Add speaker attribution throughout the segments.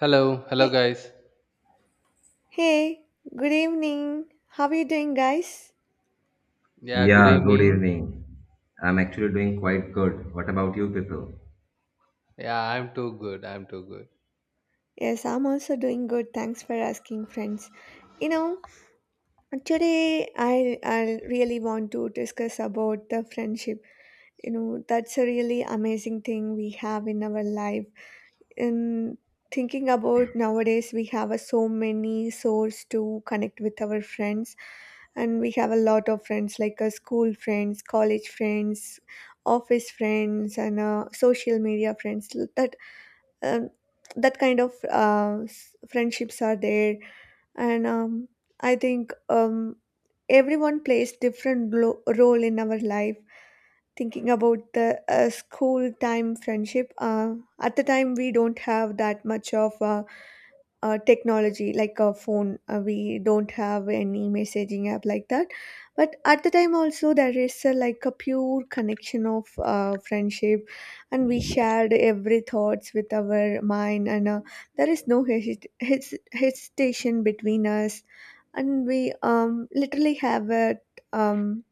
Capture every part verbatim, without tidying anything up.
Speaker 1: Hello, hello
Speaker 2: Hey,
Speaker 1: guys.
Speaker 2: hey, good evening. How are you doing, guys?
Speaker 1: Yeah, good
Speaker 3: Yeah, good
Speaker 1: evening.
Speaker 3: evening. I'm actually doing quite good. What about you people?
Speaker 1: Yeah, I'm too good. I'm too good.
Speaker 2: Yes, I'm also doing good. Thanks for asking, friends. You know, today I I really want to discuss about the friendship. You know, that's a really amazing thing we have in our life. In Thinking about nowadays we have a so many source to connect with our friends, and we have a lot of friends like uh, school friends, college friends, office friends, and uh, social media friends. that um, that kind of uh, s- friendships are there, and um, i think um, everyone plays different lo- role in our life. Thinking about the uh, school time friendship, uh, at the time we don't have that much of uh, uh, technology like a phone. Uh, we don't have any messaging app like that, but at the time also there is a, like a pure connection of uh, friendship, and we shared every thoughts with our mind, and uh, there is no hesit- hes- hesitation between us, and we um, literally have a um,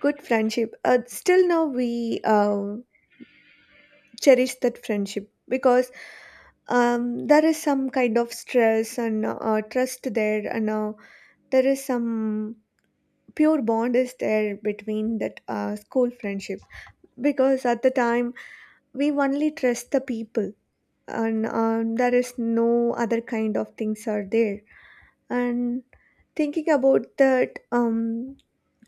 Speaker 2: good friendship. Uh, still now we um, cherish that friendship because um, there is some kind of stress and uh, trust there, and uh, there is some pure bond is there between that uh, school friendship, because at the time we only trust the people, and um, there is no other kind of things are there. And thinking about that um,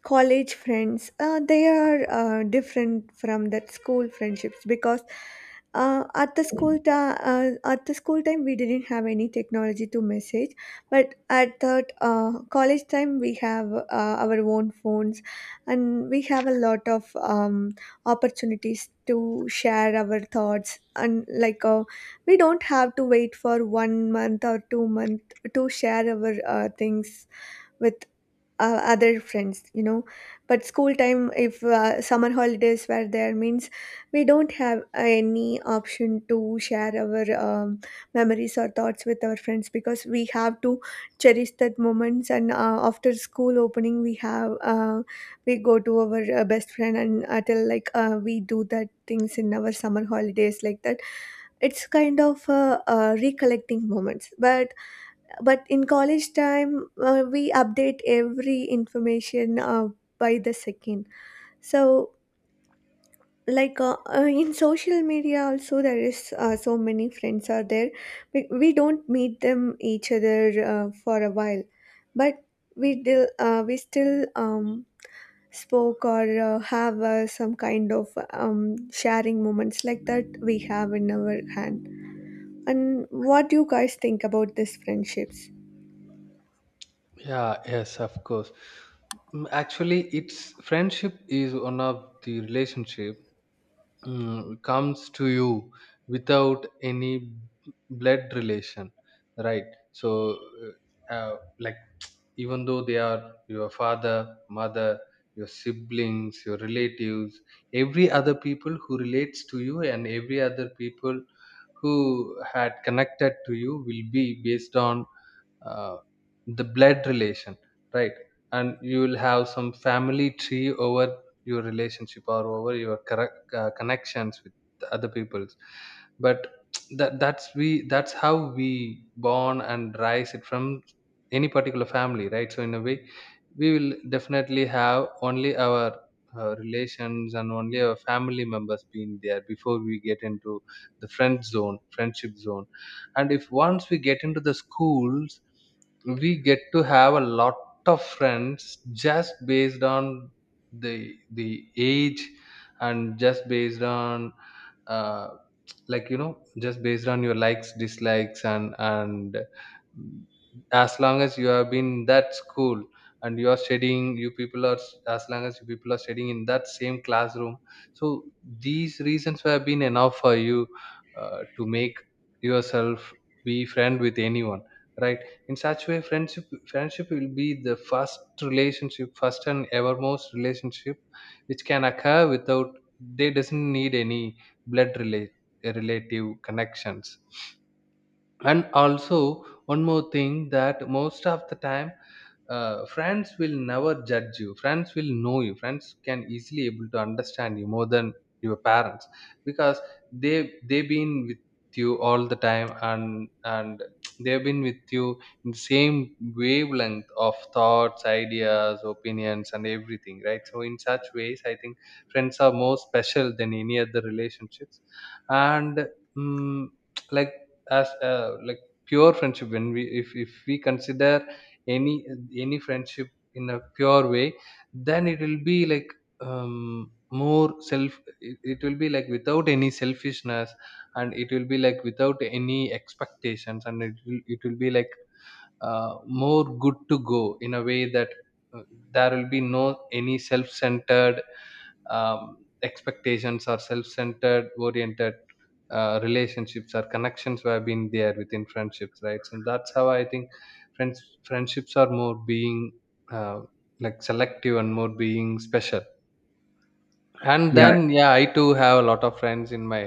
Speaker 2: college friends, uh, they are uh, different from that school friendships because uh, at the school ta- uh, at the school time we didn't have any technology to message, but at that uh, college time we have uh, our own phones, and we have a lot of um, opportunities to share our thoughts, and like uh, we don't have to wait for one month or two month to share our uh, things with uh, other friends, you know. But school time, if uh, summer holidays were there means we don't have any option to share our um, memories or thoughts with our friends, because we have to cherish that moments, and uh, after school opening we have uh, we go to our uh, best friend and uh, tell like uh, we do that things in our summer holidays, like that. It's kind of uh, uh, recollecting moments. But but in college time, uh, we update every information uh, by the second. So, like uh, uh, in social media also there is uh, so many friends are there. We, we don't meet them each other uh, for a while, but we dil, uh, we still um, spoke or uh, have uh, some kind of um, sharing moments like that we have in our hand. And what do you guys think about these friendships?
Speaker 1: Yeah, yes, of course. Mm, Actually, it's friendship is one of the relationship mm, comes to you without any blood relation, right? So, uh, uh, like even though they are your father, mother, your siblings, your relatives, every other people who relates to you, and every other people who had connected to you will be based on uh, the blood relation, right? And you will have some family tree over your relationship or over your correct, uh, connections with the other peoples. But that that's we that's how we born and rise it from any particular family, right? So in a way we will definitely have only our uh, relations and only our family members being there before we get into the friend zone friendship zone. And if once we get into the schools, we get to have a lot of friends just based on the the age and just based on uh, like, you know, just based on your likes dislikes and and mm, as long as you have been in that school and you are studying you people are as long as you people are studying in that same classroom. So these reasons have been enough for you uh, to make yourself be friend with anyone, right? In such way friendship friendship will be the first relationship, first and evermost relationship which can occur without, they doesn't need any blood relate, relative connections. And also one more thing, that most of the time uh, friends will never judge you, friends will know you, friends can easily able to understand you more than your parents, because they they've been with you all the time and and they've been with you in the same wavelength of thoughts, ideas, opinions and everything, right? So in such ways I think friends are more special than any other relationships. And mm like, as uh, like, pure friendship, when we if, if we consider any any friendship in a pure way, then it will be like um, more self it, it will be like without any selfishness, and it will be like without any expectations, and it will, it will be like uh, more good to go, in a way that uh, there will be no any self-centered um, expectations or self-centered oriented uh, relationships or connections have been there within friendships, right? And that's how I think friends friendships are more being uh, like selective and more being special. And
Speaker 3: Yeah,
Speaker 1: then yeah, I too have a lot of friends in my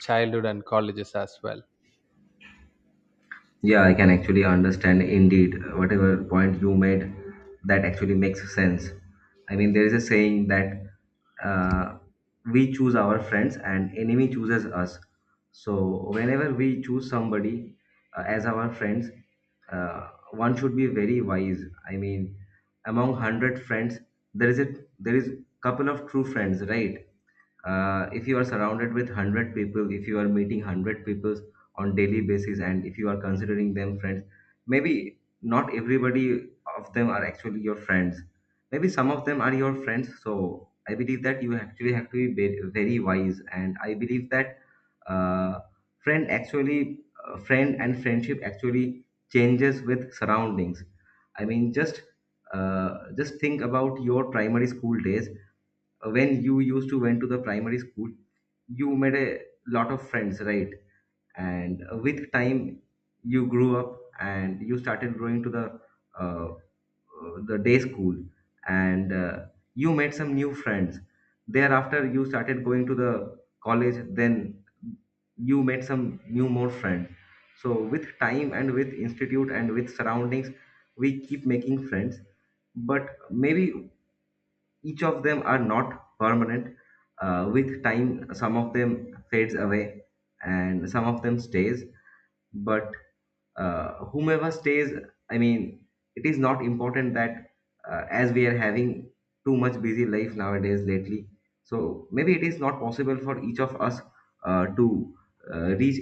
Speaker 1: childhood and colleges as well.
Speaker 3: Yeah, I can actually understand indeed whatever point you made, that actually makes sense. I mean, there is a saying that uh, we choose our friends and enemy chooses us. So whenever we choose somebody uh, as our friends, uh, one should be very wise. I mean, among one hundred friends, there is a there is couple of true friends, right? Uh, if you are surrounded with one hundred people, if you are meeting one hundred people on daily basis and if you are considering them friends, maybe not everybody of them are actually your friends. Maybe some of them are your friends. So I believe that you actually have to be ve- very wise, and I believe that uh, friend actually, uh, friend and friendship actually changes with surroundings. I mean, just uh, just think about your primary school days. When you used to went to the primary school, you made a lot of friends, right? And uh, with time you grew up and you started going to the uh, uh, the day school, and uh, you made some new friends. Thereafter you started going to the college, then you made some new more friends. So with time and with institute and with surroundings, we keep making friends. But maybe each of them are not permanent. Uh, with time some of them fades away and some of them stays. But uh, whomever stays, I mean, it is not important that, uh, as we are having too much busy life nowadays lately, so maybe it is not possible for each of us uh, to uh, reach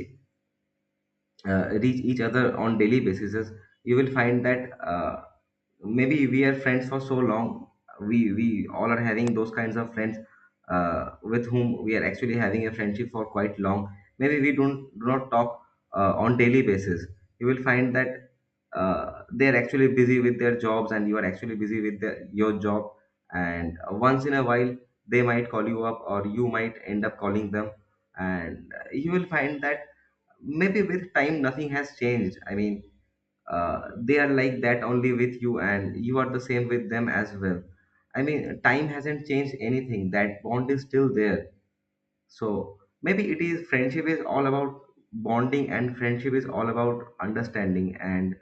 Speaker 3: uh, reach each other on daily basis. You will find that uh, maybe we are friends for so long. We we all are having those kinds of friends uh, with whom we are actually having a friendship for quite long. Maybe we don't do not talk uh, on daily basis. You will find that uh, they're actually busy with their jobs and you are actually busy with the, your job. And once in a while they might call you up or you might end up calling them. And uh, you will find that maybe with time nothing has changed. I mean, uh, they are like that only with you and you are the same with them as well. I mean, time hasn't changed anything. That bond is still there. So maybe it is friendship is all about bonding, and friendship is all about understanding. And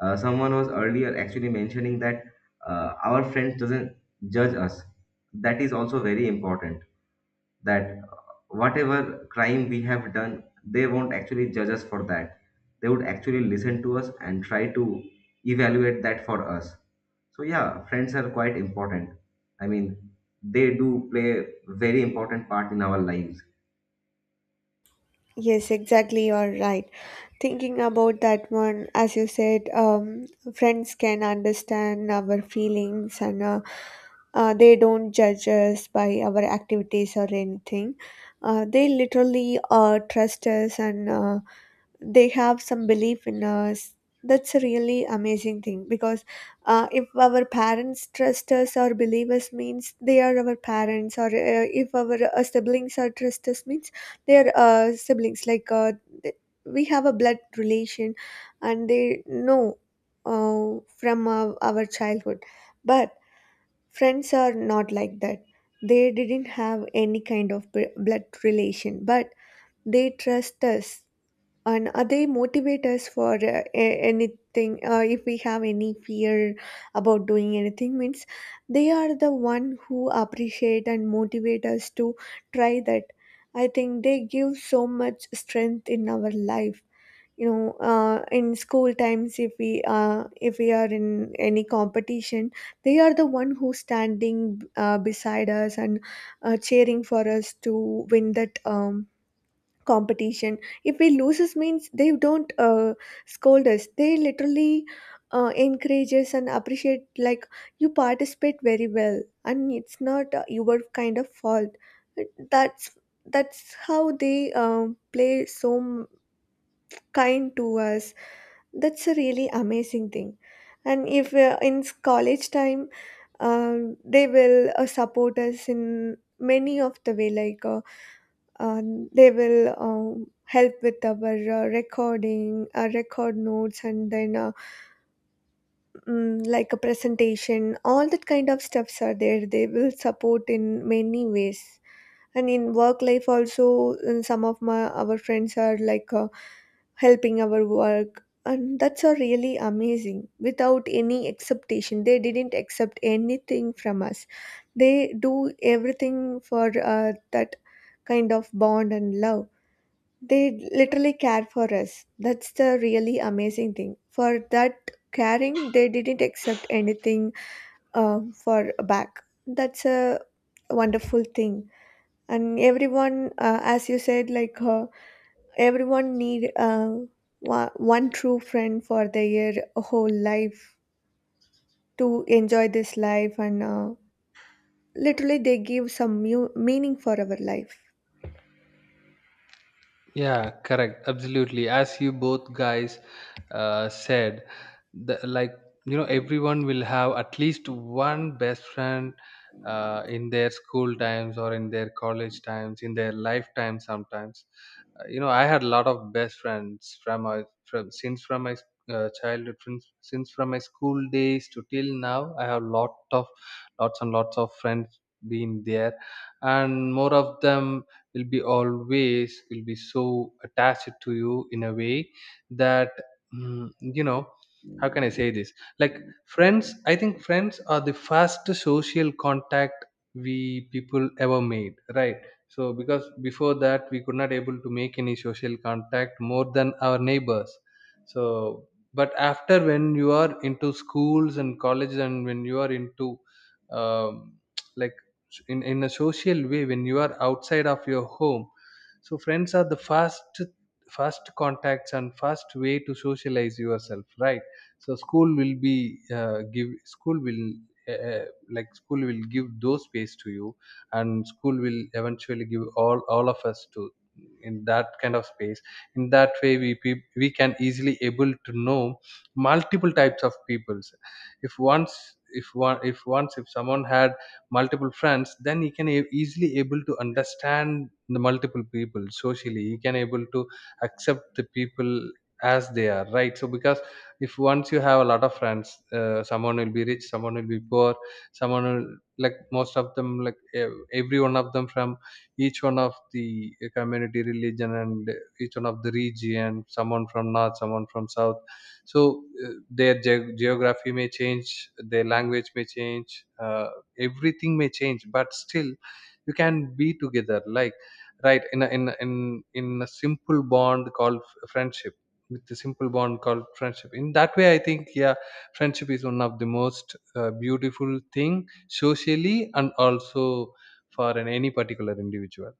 Speaker 3: uh, someone was earlier actually mentioning that uh, our friends doesn't judge us. That is also very important. That, uh, whatever crime we have done, they won't actually judge us for that. They would actually listen to us and try to evaluate that for us. So yeah, friends are quite important. I mean, they do play a very important part in our lives.
Speaker 2: Yes, exactly. You're right. Thinking about that one, as you said, um, friends can understand our feelings, and uh, uh, they don't judge us by our activities or anything. Uh, they literally uh, trust us, and uh, they have some belief in us. That's a really amazing thing, because uh, if our parents trust us or believe us means they are our parents, or uh, if our uh, siblings are trust us means they are uh, siblings, like uh, th- we have a blood relation, and they know uh, from uh, our childhood. But friends are not like that. They didn't have any kind of bl- blood relation, but they trust us, and are they motivate us for uh, a- anything? Uh, if we have any fear about doing anything, means they are the one who appreciate and motivate us to try that. I think they give so much strength in our life. You know, uh, in school times, if we uh, if we are in any competition, they are the one who standing uh, beside us and uh, cheering for us to win that um, competition. If we loses means they don't uh, scold us, they literally uh, encourage us and appreciate like you participate very well and it's not uh, your kind of fault. That's that's how they um, play so m- kind to us. That's a really amazing thing. And if uh, in s- college time, um, they will uh, support us in many of the way, like uh, um, they will um, help with our uh, recording our record notes, and then uh, mm, like a presentation, all that kind of stuffs are there, they will support in many ways. And in work life also, uh, some of my our friends are like uh, helping our work, and that's a really amazing, without any expectation they didn't accept anything from us. They do everything for uh, that kind of bond and love. They literally care for us. That's the really amazing thing. For that caring, they didn't accept anything uh, for back. That's a wonderful thing. And everyone, uh, as you said, like uh, everyone need uh, one, one true friend for their whole life to enjoy this life, and uh, literally they give some mu- meaning for our life.
Speaker 1: Yeah, correct. Absolutely. As you both guys uh, said, the, like, you know, everyone will have at least one best friend uh, in their school times or in their college times, in their lifetime sometimes. Uh, you know, I had a lot of best friends from my, from, since from my uh, childhood, since, since from my school days to till now, I have lot of, lots and lots of friends been there. And more of them will be always will be so attached to you in a way that mm, you know, how can I say this, like, friends, I think friends are the first social contact we people ever made, right? So because before that we could not able to make any social contact more than our neighbors. So but after, when you are into schools and colleges, and when you are into um, like in, in a social way, when you are outside of your home, so friends are the first first contacts and first way to socialize yourself, right? So school will be uh, give school will uh, uh, like, school will give those space to you, and school will eventually give all all of us to in that kind of space. In that way we peop- we can easily able to know multiple types of peoples. If once, if one if once if someone had multiple friends, then you can e- easily able to understand the multiple people socially, you can able to accept the people as they are, right? So because if once you have a lot of friends, uh, someone will be rich, someone will be poor, someone will, like, most of them, like, ev- every one of them from each one of the community, religion, and each one of the region, someone from north, someone from south. So uh, their ge- geography may change, their language may change, uh, everything may change, but still you can be together, like, right, in a, in a, in in a simple bond called f- friendship, with the simple bond called friendship. In that way I think, yeah, friendship is one of the most uh, beautiful thing socially, and also for an, any particular individual.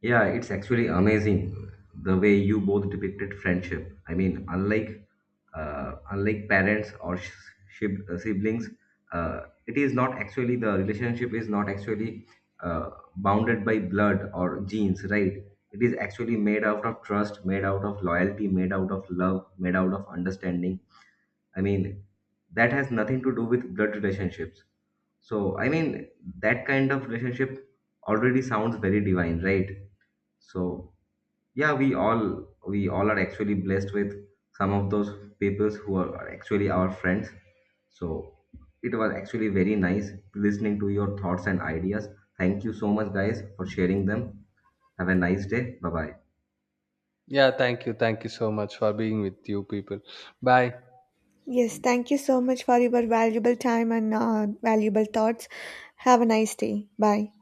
Speaker 3: Yeah, it's actually amazing the way you both depicted friendship. I mean, unlike uh, unlike parents or sh- shib- uh, siblings, uh, it is not actually, the relationship is not actually uh, bounded by blood or genes, right? It is actually made out of trust, made out of loyalty, made out of love, made out of understanding. I mean, that has nothing to do with blood relationships. So, I mean, that kind of relationship already sounds very divine, right? So, yeah, we all we all are actually blessed with some of those peoples who are, are actually our friends. So it was actually very nice listening to your thoughts and ideas. Thank you so much, guys, for sharing them. Have a nice day. Bye bye.
Speaker 1: Yeah, thank you thank you so much for being with you people. Bye.
Speaker 2: Yes, thank you so much for your valuable time and uh, valuable thoughts. Have a nice day. Bye.